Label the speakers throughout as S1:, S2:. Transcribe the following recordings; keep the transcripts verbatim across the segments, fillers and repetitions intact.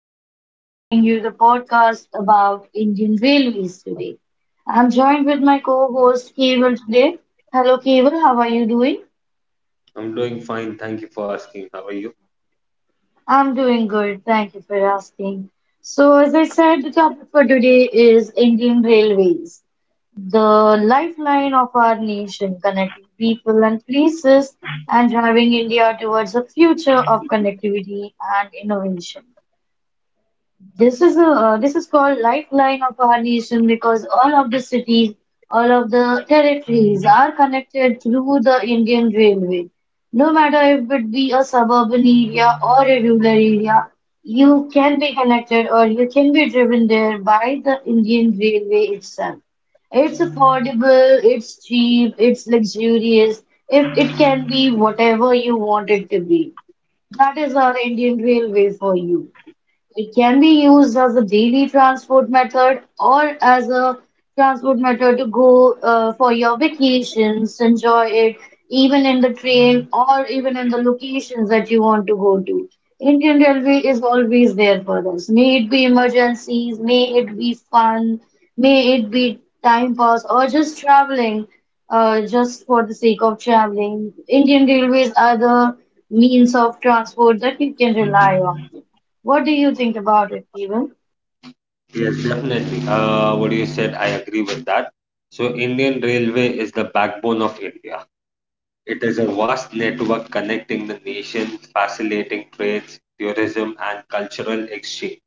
S1: Komal bringing you the podcast about Indian Railways today. I'm joined with my co host Keval today. Hello, Keval. How are you doing?
S2: I'm doing fine. Thank you for asking. How are you?
S1: I'm doing good. Thank you for asking. So, as I said, the topic for today is Indian Railways, the lifeline of our nation, connecting people and places and driving India towards a future of connectivity and innovation. This is a, uh, this is called lifeline of our nation because all of the cities, all of the territories are connected through the Indian Railway. No matter if it be a suburban area or a rural area, you can be connected or you can be driven there by the Indian Railway itself. It's affordable, it's cheap, it's luxurious. If it can be whatever you want it to be, that is our Indian Railway for you. It can be used as a daily transport method or as a transport method to go, uh, for your vacations, enjoy it even in the train or even in the locations that you want to go to. Indian Railway is always there for us. May it be emergencies, may it be fun, may it be time pass or just traveling, uh, just for the sake of traveling. Indian Railways are the means of transport that you can rely on. What do you think about it, even?
S2: Yes, definitely. Uh, what you said, I agree with that. So, Indian Railway is the backbone of India. It is a vast network connecting the nation, facilitating trades, tourism, and cultural exchange,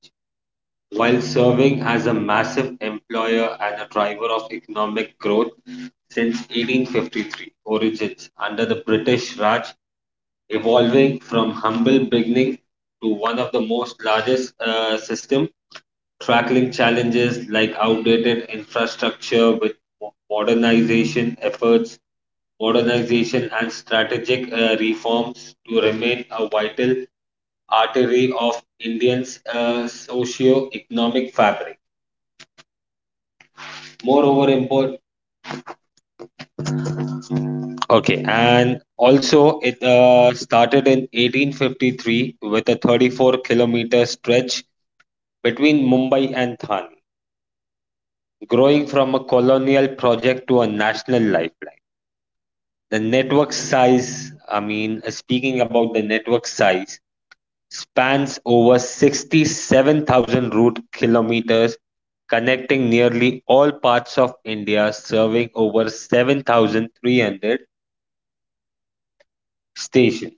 S2: while serving as a massive employer and a driver of economic growth since eighteen fifty-three origins under the British Raj, evolving from humble beginning to one of the most largest uh, system tackling challenges like outdated infrastructure with mo- modernization efforts, modernization and strategic uh, reforms to remain a vital artery of Indians' uh, socio-economic fabric. Moreover, important. Okay, and also it uh, started in eighteen fifty-three with a thirty-four-kilometer stretch between Mumbai and Thane, growing from a colonial project to a national lifeline. The network size, I mean, uh, speaking about the network size, spans over sixty-seven thousand route kilometers, connecting nearly all parts of India, serving over seven thousand three hundred stations.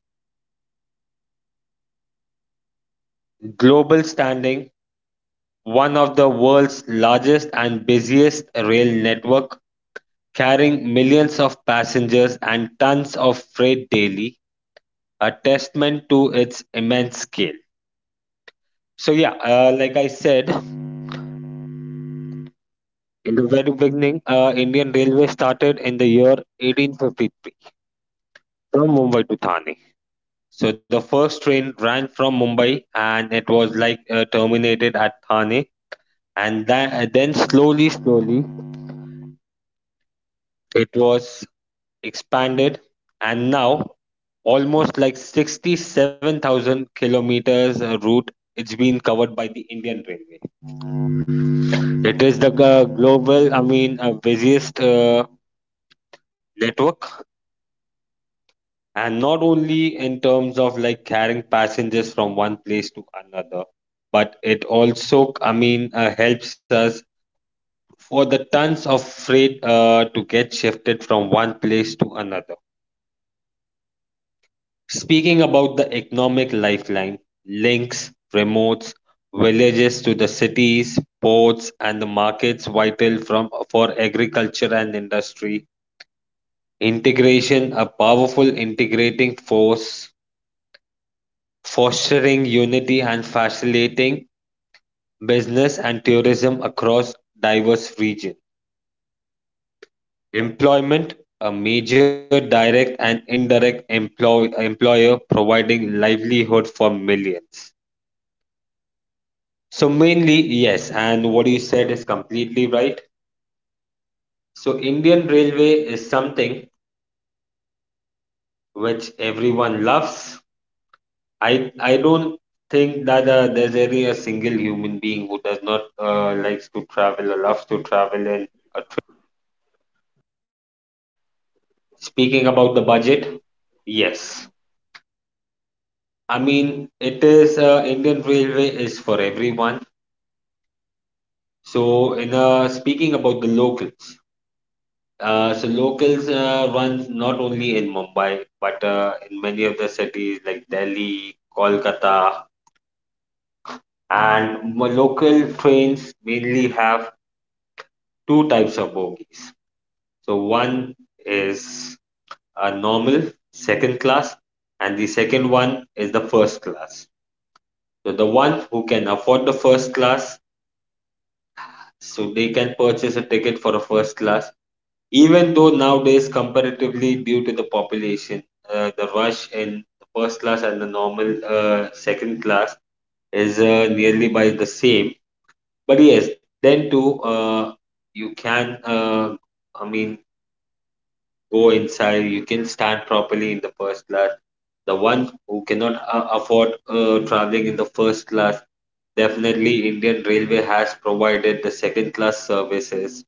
S2: Global standing, one of the world's largest and busiest rail network, carrying millions of passengers and tons of freight daily, a testament to its immense scale. So yeah, uh, like I said, in the very beginning, uh, Indian Railway started in the year eighteen fifty-three from Mumbai to Thane. So the first train ran from Mumbai and it was like uh, terminated at Thane, and tha- then slowly, slowly it was expanded, and now almost like sixty-seven thousand kilometers uh, route it's been covered by the Indian Railway. It is the uh, global, I mean, uh, busiest uh, network, and not only in terms of like carrying passengers from one place to another, but it also, I mean, uh, helps us for the tons of freight uh, to get shifted from one place to another, speaking about the economic lifeline, links remotes villages to the cities, ports and the markets, vital from for agriculture and industry integration, a powerful integrating force, fostering unity and facilitating business and tourism across diverse regions. Employment, a major direct and indirect employ- employer providing livelihood for millions. So mainly, yes, and what you said is completely right. So Indian Railway is something which everyone loves. I I don't think that uh, there's any a single human being who does not uh, likes to travel or loves to travel in a. Speaking about the budget, yes. I mean, it is uh, Indian Railway is for everyone. So, in uh, speaking about the locals, uh, so locals uh, runs not only in Mumbai but uh, in many of the cities like Delhi, Kolkata, and mo- local trains mainly have two types of bogies. So, one is a normal second class, and the second one is the first class. So the ones who can afford the first class, so they can purchase a ticket for a first class. Even though nowadays, comparatively, due to the population, uh, the rush in the first class and the normal uh, second class is uh, nearly by the same. But yes, then too, uh, you can, uh, I mean, go inside. You can stand properly in the first class, the one who cannot uh, afford uh, traveling in the first class. Definitely, Indian Railway has provided the second class services.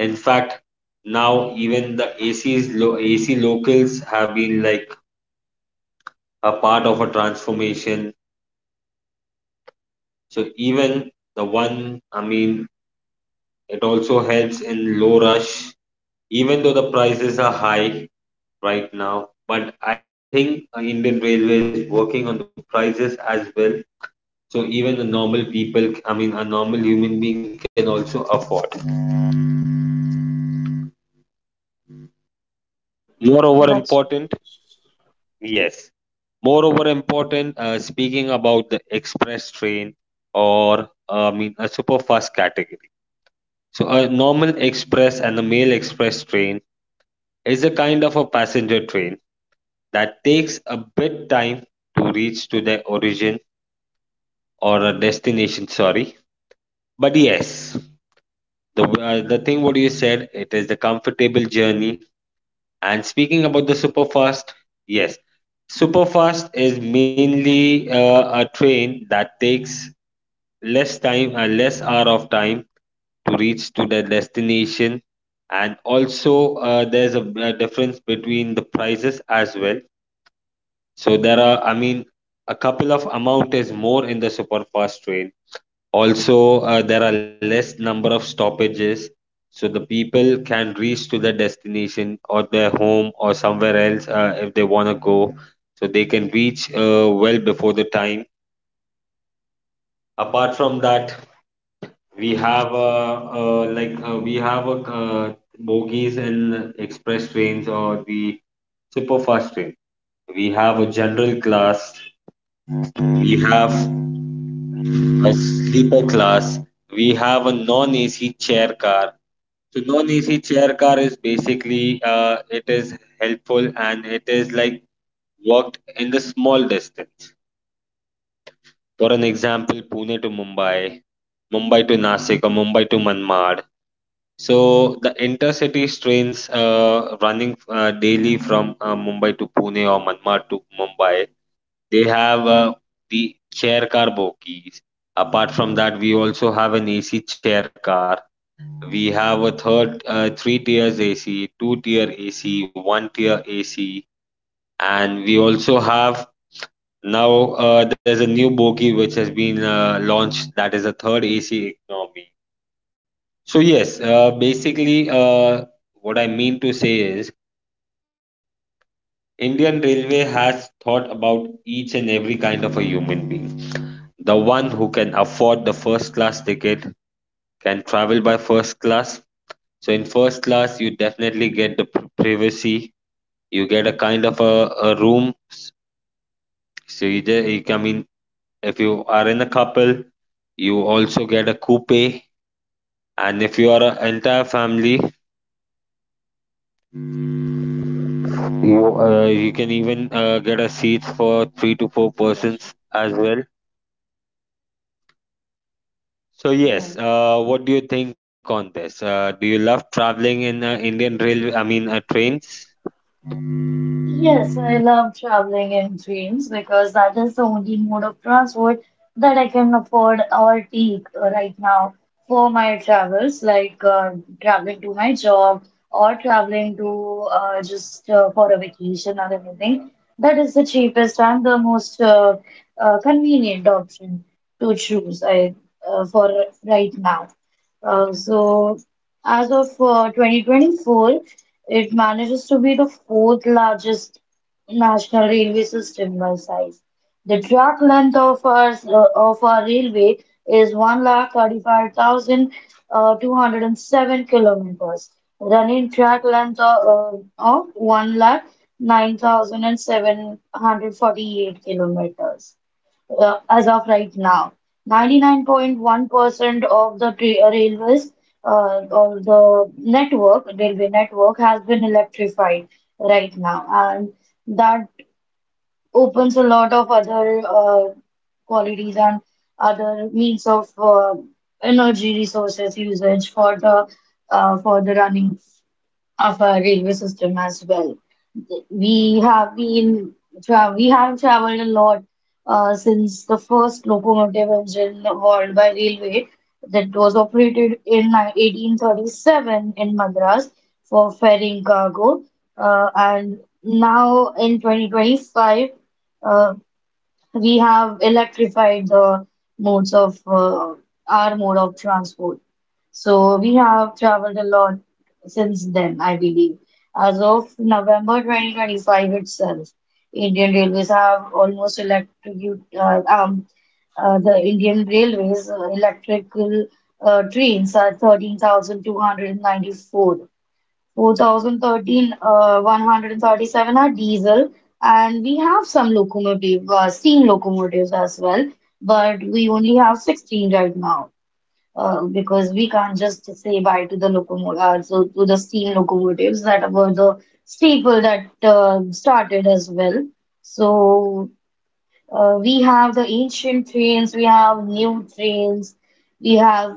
S2: In fact, now even the A C's lo- A C locals have been like a part of a transformation. So even the one, I mean, it also helps in low rush, even though the prices are high right now. But I think uh, Indian Railway is working on the prices as well. So even the normal people, I mean, a normal human being can also afford. Moreover,
S1: That's right.
S2: important. Yes. Moreover, important, uh, speaking about the express train or uh, I mean a super fast category. So a normal express and a mail express train is a kind of a passenger train that takes a bit time to reach to their origin or a destination. Sorry, but yes, the uh, the thing what you said it is the comfortable journey. And speaking about the super fast, yes, superfast is mainly uh, a train that takes less time and less hour of time to reach to the destination, and also uh, there's a, a difference between the prices as well, so there are, I mean, a couple of amount is more in the super fast train. Also, uh, there are less number of stoppages, so the people can reach to the destination or their home or somewhere else uh, if they want to go, so they can reach uh, well before the time. Apart from that, we have uh, uh, like uh, we have uh, uh, bogies in express trains or the super fast train. We have a general class. We have a sleeper class. We have a non-A C chair car. So non-A C chair car is basically uh, it is helpful and it is like worked in the small distance. For an example, Pune to Mumbai, Mumbai to Nasik, or Mumbai to Manmad. So the intercity trains uh, running uh, daily from uh, Mumbai to Pune or Manmad to Mumbai, they have uh, the chair car bogies. Apart from that, we also have an A C chair car. We have a third, uh, three tiers A C, two tier A C, one tier A C, and we also have now uh, there's a new bogie which has been uh, launched, that is a third A C economy. So yes, uh, basically, uh, what I mean to say is Indian Railway has thought about each and every kind of a human being. The one who can afford the first class ticket can travel by first class. So in first class, you definitely get the pri- privacy. You get a kind of a, a room. So you, ju- you, I mean, if you are in a couple, you also get a coupe. And if you are an entire family, you uh, you can even uh, get a seats for three to four
S1: That's
S2: persons as well. So
S1: right.
S2: yes,
S1: Yes.
S2: uh, what do you think on this? Uh, do you love traveling in uh, Indian railway? I mean, uh, trains?
S1: Yes, I love traveling in trains because that is the only mode of transport that I can afford or take, uh, right now for my travels, like uh, traveling to my job or traveling to, uh, just uh, for a vacation or anything. That is the cheapest and the most uh, uh, convenient option to choose I, uh, for right now. Uh, so as of uh, twenty twenty-four, it manages to be the fourth largest national railway system by size. The track length of our, uh, of our railway is one lakh thirty five thousand, uh, two hundred and seven kilometers. Running track length of, uh, of one lakh nine thousand seven hundred forty eight kilometers, uh, as of right now. ninety-nine point one percent of the tra- uh, railways, uh, or the network, railway network has been electrified right now, and that opens a lot of other uh, qualities and other means of uh, energy resources usage for the, uh, for the running of our railway system as well. We have been tra we have traveled a lot uh, since the first locomotive engine world by railway that was operated in ni- eighteen thirty-seven in Madras for ferrying cargo. Uh, and now in twenty twenty-five, we have electrified the modes of, uh, our mode of transport. So we have traveled a lot since then, I believe. As of November two thousand twenty-five itself, Indian Railways have almost electrocute, uh, um, uh, the Indian Railways uh, electrical uh, trains are thirteen thousand two hundred ninety-four, two thousand thirteen uh, one hundred thirty-seven are diesel, and we have some locomotive, uh, steam locomotives as well, but we only have sixteen right now uh, because we can't just say bye to the locomotive, uh, so to the steam locomotives that were the staple that uh, started as well. So uh, we have the ancient trains, we have new trains, we have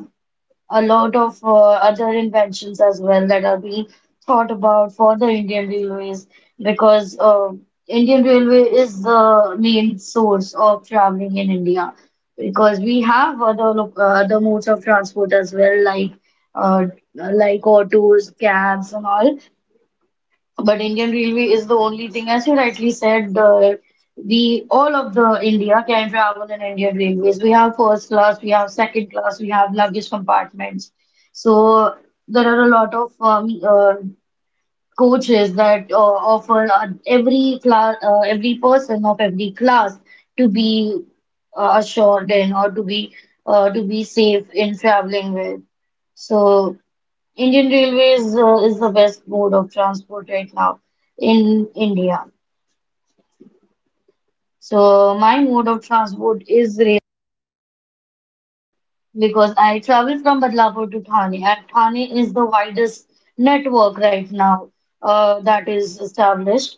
S1: a lot of uh, other inventions as well that are being thought about for the Indian Railways because uh, Indian Railway is the main source of traveling in India because we have other lo- uh, other modes of transport as well like uh, like autos, cabs and all. But Indian Railway is the only thing, as you rightly said, the we all of the India can travel in Indian Railways. We have first class, we have second class, we have luggage compartments. So there are a lot of um, uh, coaches that uh, offer uh, every class, uh, every person of every class to be uh, assured in or to be, uh, to be safe in traveling with. So, Indian Railways uh, is the best mode of transport right now in India. So my mode of transport is rail because I travel from Badlapur to Thane, and Thane is the widest network right now uh, that is established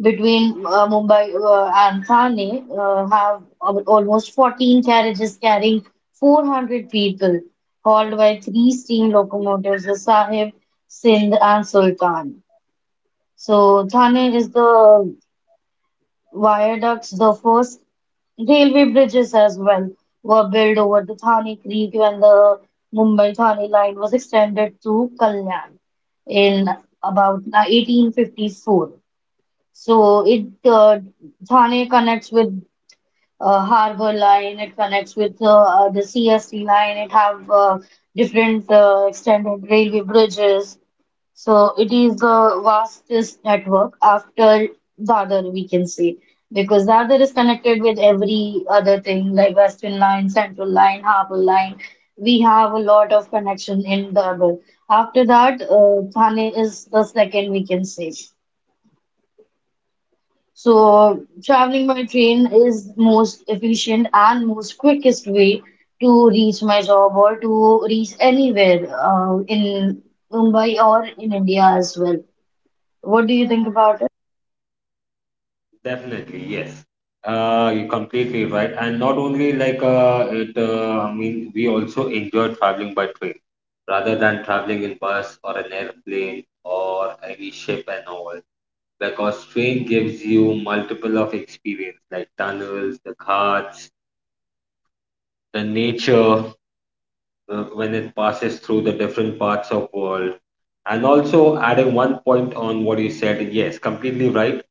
S1: between uh, Mumbai uh, and Thane. Uh, have al- almost fourteen carriages carrying four hundred people, hauled by three steam locomotives, the Sahib, Sindh, and Sultan. So Thane is the viaducts, the first railway bridges as well were built over the Thane Creek when the Mumbai-Thane line was extended to Kalyan in about eighteen fifty-four. So it uh, Thane connects with uh, Harbour Line, it connects with uh, uh, the C S T line, it have uh, different uh, extended railway bridges. So it is the vastest network after Dadar, we can say, because Dadar is connected with every other thing like Western Line, Central Line, Harbour Line. We have a lot of connection in Dadar. After that, uh, Thane is the second, we can say. So traveling by train is most efficient and most quickest way to reach my job or to reach anywhere uh, in Mumbai or in India as well. What do you think about it?
S2: Definitely, yes. Uh, you're completely right. And not only like uh, it, uh, I mean, we also enjoy traveling by train rather than traveling in bus or an airplane or any ship and all, because train gives you multiple of experience like tunnels, the ghats, the nature uh, when it passes through the different parts of world. And also adding one point on what you said, yes, completely right.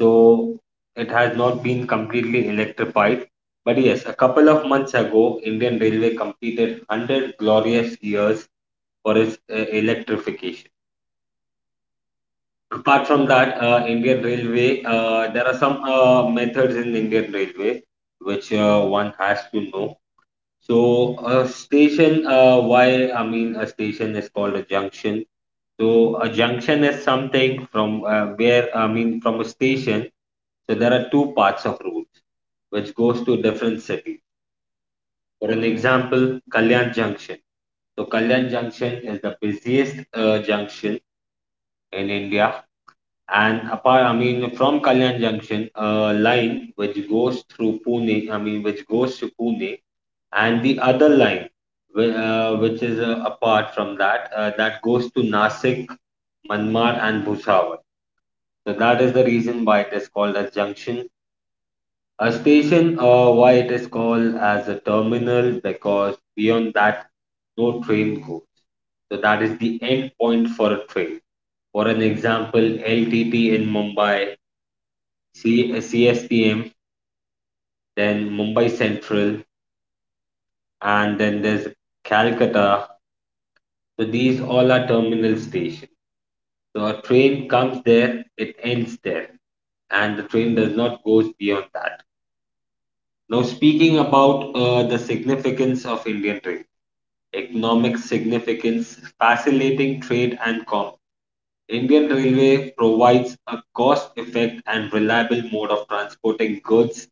S2: So it has not been completely electrified. But yes, a couple of months ago, Indian Railway completed one hundred glorious years for its uh, electrification. Apart from that, uh, Indian Railway, uh, there are some uh, methods in Indian Railway which uh, one has to know. So, a station, uh, why I mean, a station is called a junction. So, a junction is something from uh, where I mean, from a station. So, there are two parts of routes which goes to different city. For an example, Kalyan Junction. So, Kalyan Junction is the busiest uh, junction in India, and apart, I mean, from Kalyan Junction, a line which goes through Pune, I mean, which goes to Pune, and the other line, whi- uh, which is uh, apart from that, uh, that goes to Nasik, Manmar, and Bhusawal. So that is the reason why it is called as junction. A station, uh, why it is called as a terminal, because beyond that, no train goes. So that is the end point for a train. For an example, L T T in Mumbai, C, CSPM, then Mumbai Central, and then there's Calcutta. So these all are terminal stations. So a train comes there, it ends there, and the train does not goes beyond that. Now speaking about uh, the significance of Indian trade, economic significance, facilitating trade and commerce. Indian Railway provides a cost-effective and reliable mode of transporting goods,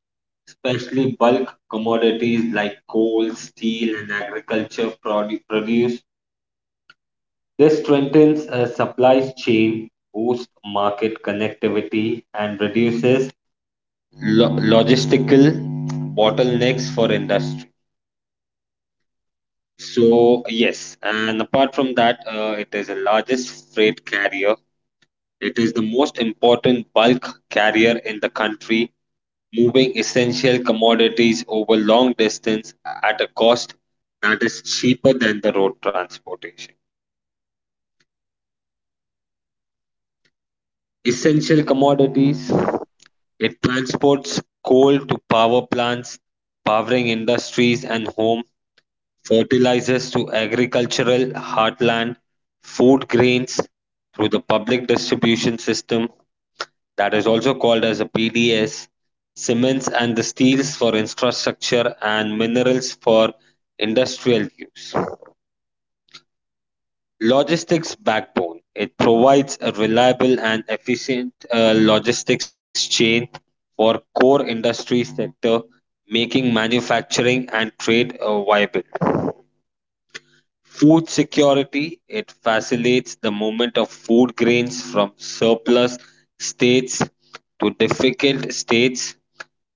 S2: especially bulk commodities like coal, steel, and agriculture produ- produce. This strengthens a supply chain, boosts market connectivity, and reduces lo- logistical bottlenecks for industry. So, yes, and apart from that, uh, it is the largest freight carrier. It is the most important bulk carrier in the country, moving essential commodities over long distance at a cost that is cheaper than the road transportation. Essential commodities, it transports coal to power plants, powering industries and home, fertilizers to agricultural heartland, food grains through the public distribution system, that is also called as a P D S, cements and the steels for infrastructure and minerals for industrial use. Logistics backbone. It provides a reliable and efficient uh, logistics chain for core industry sector, making manufacturing and trade uh, viable. Food security: it facilitates the movement of food grains from surplus states to difficult states,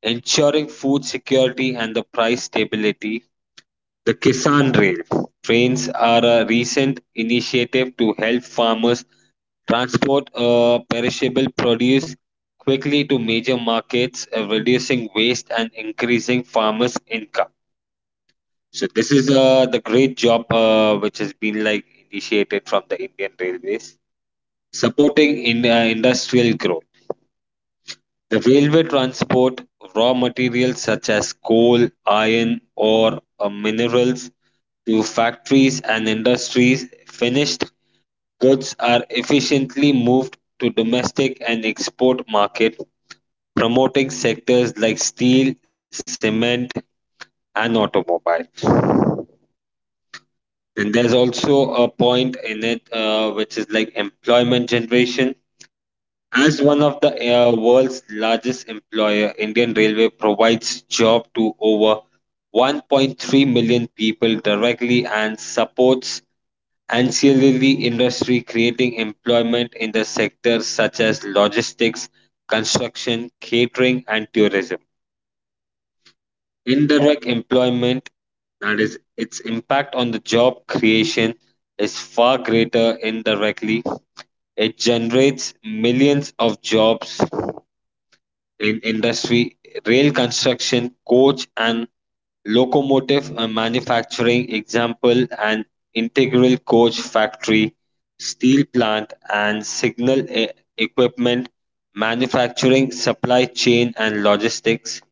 S2: ensuring food security and the price stability. The Kisan Rail trains are a recent initiative to help farmers transport uh, perishable produce quickly to major markets, uh, reducing waste and increasing farmers' income. So this is uh, the great job uh, which has been like initiated from the Indian Railways, supporting in uh, industrial growth. The railway transport raw materials such as coal, iron, or uh, minerals to factories and industries. Finished goods are efficiently moved to domestic and export market, promoting sectors like steel, cement, and automobile. Then there's also a point in it uh, which is like employment generation. As one of the uh, world's largest employer, Indian Railway provides job to over one point three million people directly and supports ancillary industry creating employment in the sectors such as logistics, construction, catering and tourism. Indirect employment, that is, its impact on the job creation, is far greater indirectly. It generates millions of jobs in industry, rail construction, coach and locomotive uh, manufacturing example and integral coach factory steel plant and signal e- equipment manufacturing supply chain and logistics.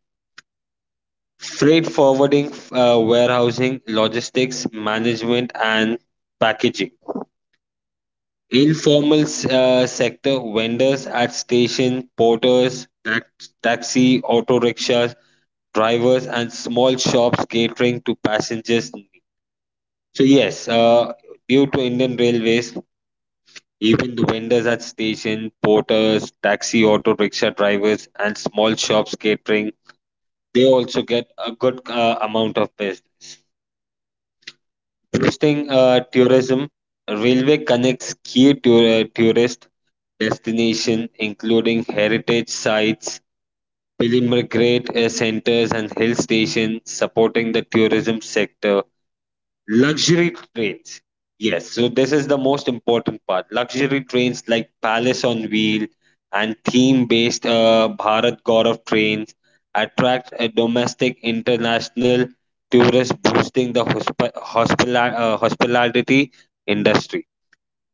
S2: Freight forwarding, uh, warehousing, logistics management, and packaging. Informal uh, sector vendors at station, porters, tax- taxi, auto rickshaws, drivers, and small shops catering to passengers. Needs. So yes, uh, due to Indian Railways, even the vendors at station, porters, taxi, auto rickshaw drivers, and small shops catering, they also get a good uh, amount of business. Boosting uh, tourism, railway connects key tour- uh, tourist destinations including heritage sites, pilgrimage uh, centers, and hill stations, supporting the tourism sector. Luxury trains. Yes, so this is the most important part. Luxury trains like Palace on Wheel and theme-based uh, Bharat Gaurav trains attract a domestic international tourists, boosting the hosp- hospila- uh, hospitality industry.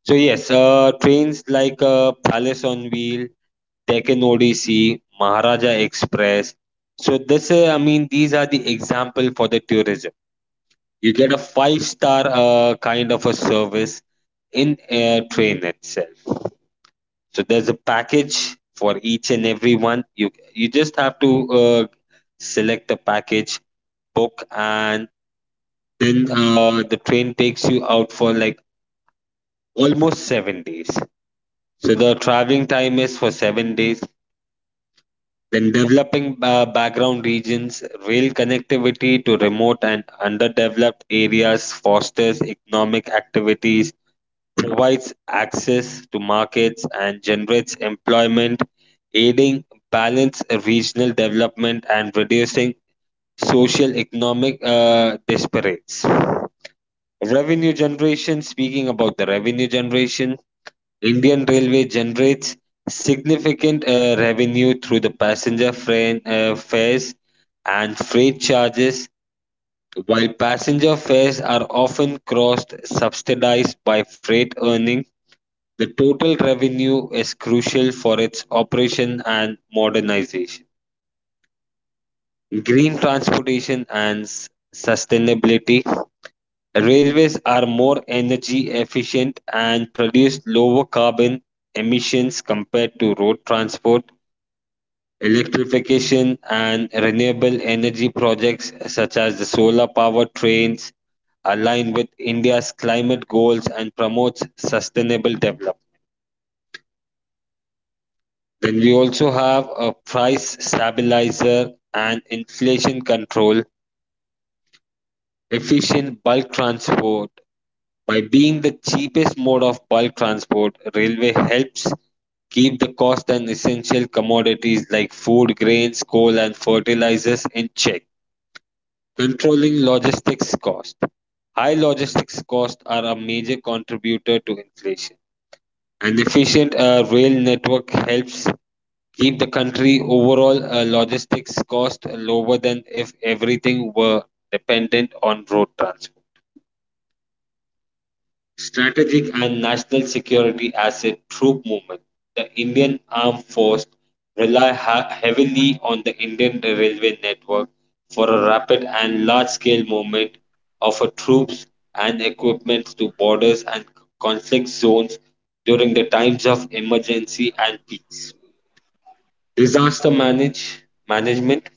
S2: So yes, uh, trains like uh, Palace on Wheel, Deccan Odyssey, Maharaja Express. So this, uh, I mean, these are the example for the tourism. You get a five star uh, kind of a service in a train itself. So there's a package for each and every one. You you just have to uh, select a package, book, and then uh, the train takes you out for like almost seven days. So the traveling time is for seven days. Then developing uh, background regions, rail connectivity to remote and underdeveloped areas fosters economic activities provides access to markets and generates employment, aiding balanced regional development and reducing social economic uh, disparities. Revenue generation speaking about the revenue generation, Indian Railway generates significant uh, revenue through the passenger freight, uh, fares and freight charges. While passenger fares are often cross subsidized by freight earnings. The total revenue is crucial for its operation and modernization. Green transportation and s- sustainability. Railways are more energy efficient and produce lower carbon emissions compared to road transport. Electrification and renewable energy projects such as the solar power trains align with India's climate goals and promotes sustainable development. Then we also have a price stabilizer and inflation control, efficient bulk transport. By being the cheapest mode of bulk transport, railway helps keep the cost and essential commodities like food, grains, coal, and fertilizers in check, controlling logistics cost. High logistics costs are a major contributor to inflation. An efficient uh, rail network helps keep the country overall uh, logistics cost lower than if everything were dependent on road transport strategic and national security as a troop movement. The Indian Armed Force rely ha- heavily on the Indian Railway network for a rapid and large-scale movement of uh, troops and equipment to borders and conflict zones during the times of emergency and peace. Disaster manage management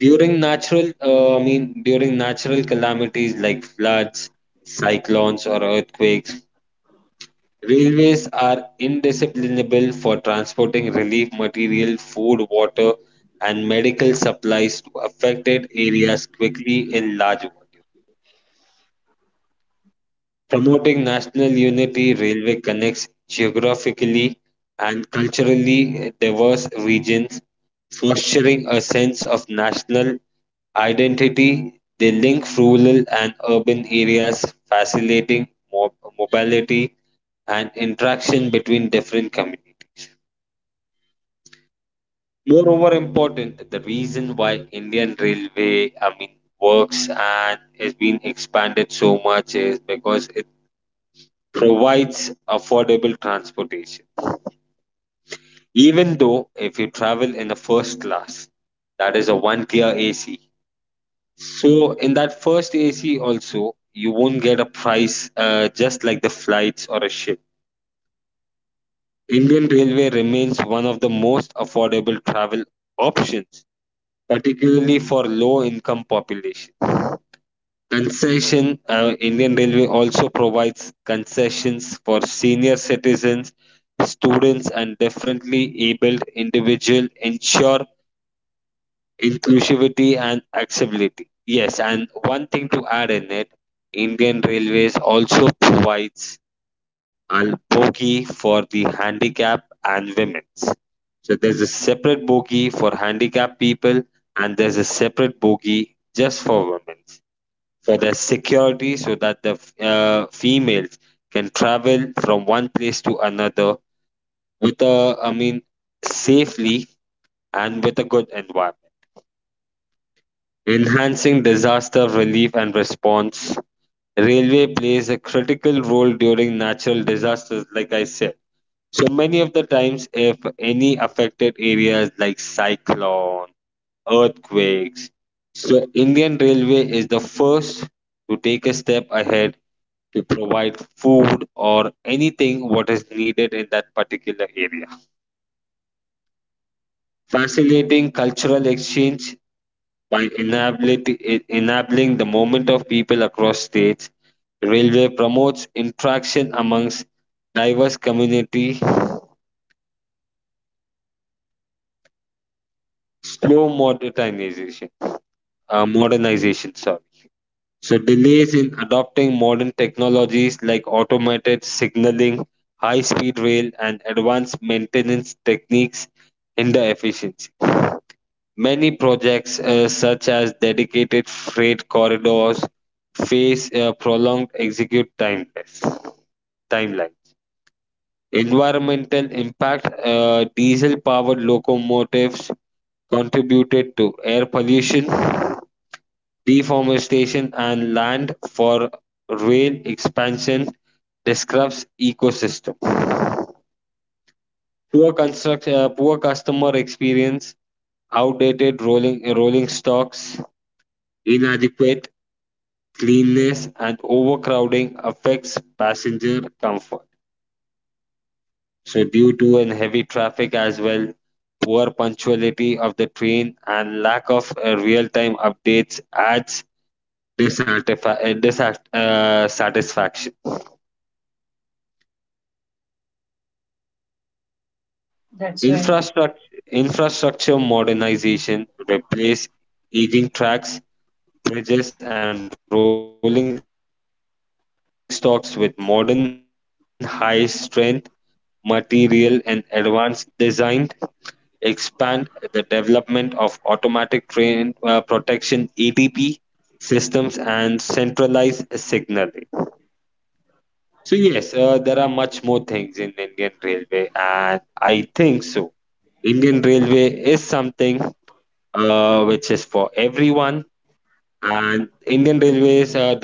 S2: during natural uh, I mean during natural calamities like floods, cyclones or earthquakes. Railways are indispensable for transporting relief material, food, water, and medical supplies to affected areas quickly in large volumes. Promoting national unity, railway connects geographically and culturally diverse regions, fostering a sense of national identity. They link rural and urban areas, facilitating mo- mobility and interaction between different communities. Moreover, important the reason why Indian Railway, I mean, works and has been expanded so much is because provides affordable transportation. Even though if you travel in the first class, that is a one tier A C. So in that first A C also, you won't get a price uh, just like the flights or a ship. Indian Railway remains one of the most affordable travel options, particularly for low income population. Concession uh, Indian Railway also provides concessions for senior citizens, students, and differently abled individuals, ensure inclusivity and accessibility. Yes, and one thing to add in it, Indian Railways also provides a bogie for the handicap and women's. So there's a separate bogie for handicapped people, and there's a separate bogie just for women for the security so that the uh, females can travel from one place to another with a, I mean, safely and with a good environment. Enhancing disaster relief and response. Railway plays a critical role during natural disasters, like I said. So many of the times, if any affected areas like cyclone, earthquakes, so Indian Railway is the first to take a step ahead we provide food or anything what is needed in that particular area facilitating cultural exchange by enabling, enabling the movement of people across states railway promotes interaction amongst diverse community slow modernization uh, modernization sorry so delays in adopting modern technologies like automated signaling high speed rail and advanced maintenance techniques hinder efficiency. Many projects, uh, such as dedicated freight corridors, face uh, prolonged execute timelines. timeline. Environmental impact uh, diesel powered locomotives contributed to air pollution, deforestation, and land for rail expansion disrupts ecosystem. Poor construct, uh, poor customer experience, outdated rolling rolling stocks, inadequate cleanliness and overcrowding affects passenger comfort. So, due to an heavy traffic as well, poor punctuality of the train and lack of uh, real-time updates adds dissatisfaction.
S1: That's right.
S2: Infrastructure, Infrastructure modernization replace aging tracks, bridges, and rolling stocks with modern high-strength material and advanced design expand the development of automatic train uh, protection A T P systems and centralized signaling. So yes, uh, there are much more things in Indian Railway, and I think so. Indian Railway is something uh, which is for everyone, and Indian Railways uh, does not cease the standard.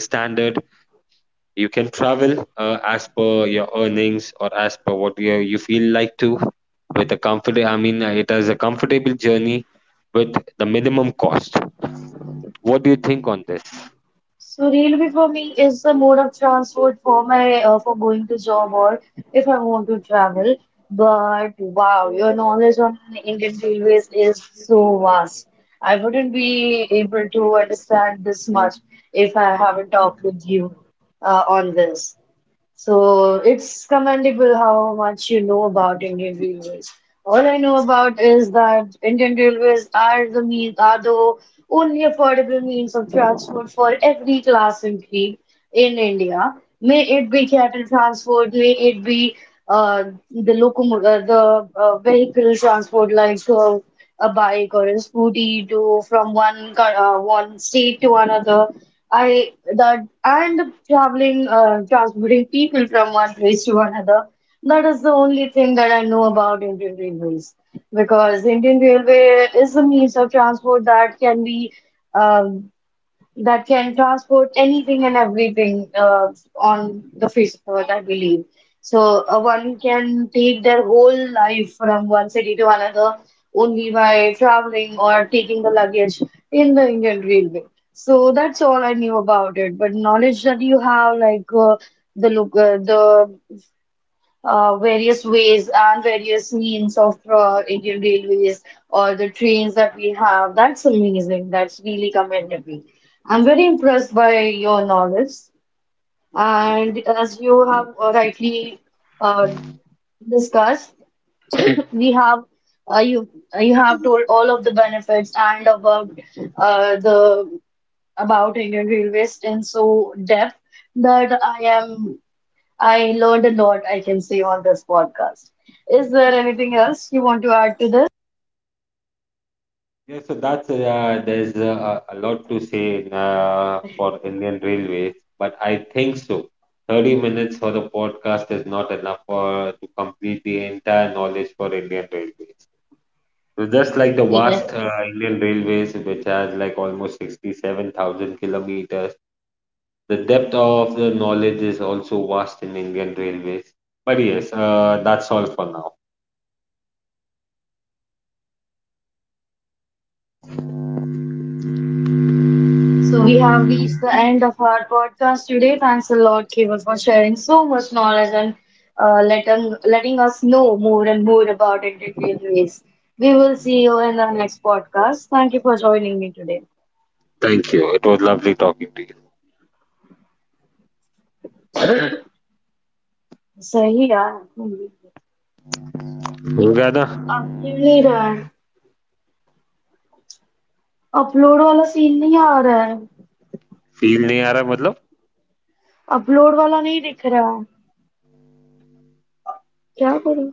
S2: You can travel uh, as per your earnings or as per what you, you feel like to with a comfort. I mean, uh, it is a comfortable journey with the minimum cost. What do you think on this?
S1: So railway for me is the mode of transport for my uh, for going to job or if I want to travel. But wow, your knowledge on Indian railways is so vast. I wouldn't be able to understand this much if I haven't talked with you uh, on this. So it's commendable how much you know about Indian Railways. All I know about is that Indian Railways are the means, are the only affordable means of transport for every class and creed in India. May it be cattle transport, may it be uh, the locomo uh, the uh, vehicle transport like uh, a bike or a scooty to from one co- uh, one state to another. I that and traveling, uh, transporting people from one place to another. That is the only thing that I know about Indian Railways because Indian Railway is a means of transport that can be. Um, that can transport anything and everything uh, on the face of earth, I believe. So uh, one can take their whole life from one city to another only by traveling or taking the luggage in the Indian Railway. So that's all I knew about it. But knowledge that you have, like uh, the look, uh, the uh, various ways and various means of uh, Indian Railways or the trains that we have. That's amazing. That's really commendable. I'm very impressed by your knowledge.
S2: Thank you.
S1: And as you have uh, rightly uh, discussed, we have uh, you you have told all of the benefits and about uh, the about Indian Railways in so depth that I am I learned a lot, I can say, on this podcast. Is there anything else you want to add to this?
S2: Yeah, so that's uh, there's uh, a a lot to say in, uh, for Indian Railways, but I think so. thirty minutes for the podcast is not enough for to complete the entire knowledge for Indian Railways. So just like the vast uh,
S1: Yes.
S2: Indian Railways, which has like almost sixty-seven thousand kilometers, the depth of the knowledge is also vast in Indian Railways. But yes, uh, that's all for now.
S1: So we have reached the end of our podcast today. Thanks a lot, Keval, for sharing so much knowledge and uh, letting, letting us know more and more about integrated ways. We will see you in the next podcast. Thank you for joining me today.
S2: Thank you it was lovely talking to you
S1: सही यार। ये
S2: हो गया ना
S1: आपके नहीं रहा है। अपलोड वाला सीन नहीं आ रहा है।
S2: फील नहीं आ रहा मतलब
S1: अपलोड वाला नहीं दिख रहा है। क्या करूं?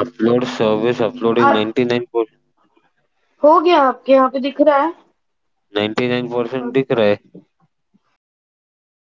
S2: अपलोड सर्विस अपलोडिंग
S1: आप।
S2: निन्यानवे नाइन
S1: हो गया आपके यहाँ पे दिख रहा है।
S2: नाइन्टी नाइन परसेंट
S1: और
S2: दिख रहा है
S1: मेरे को कुछ।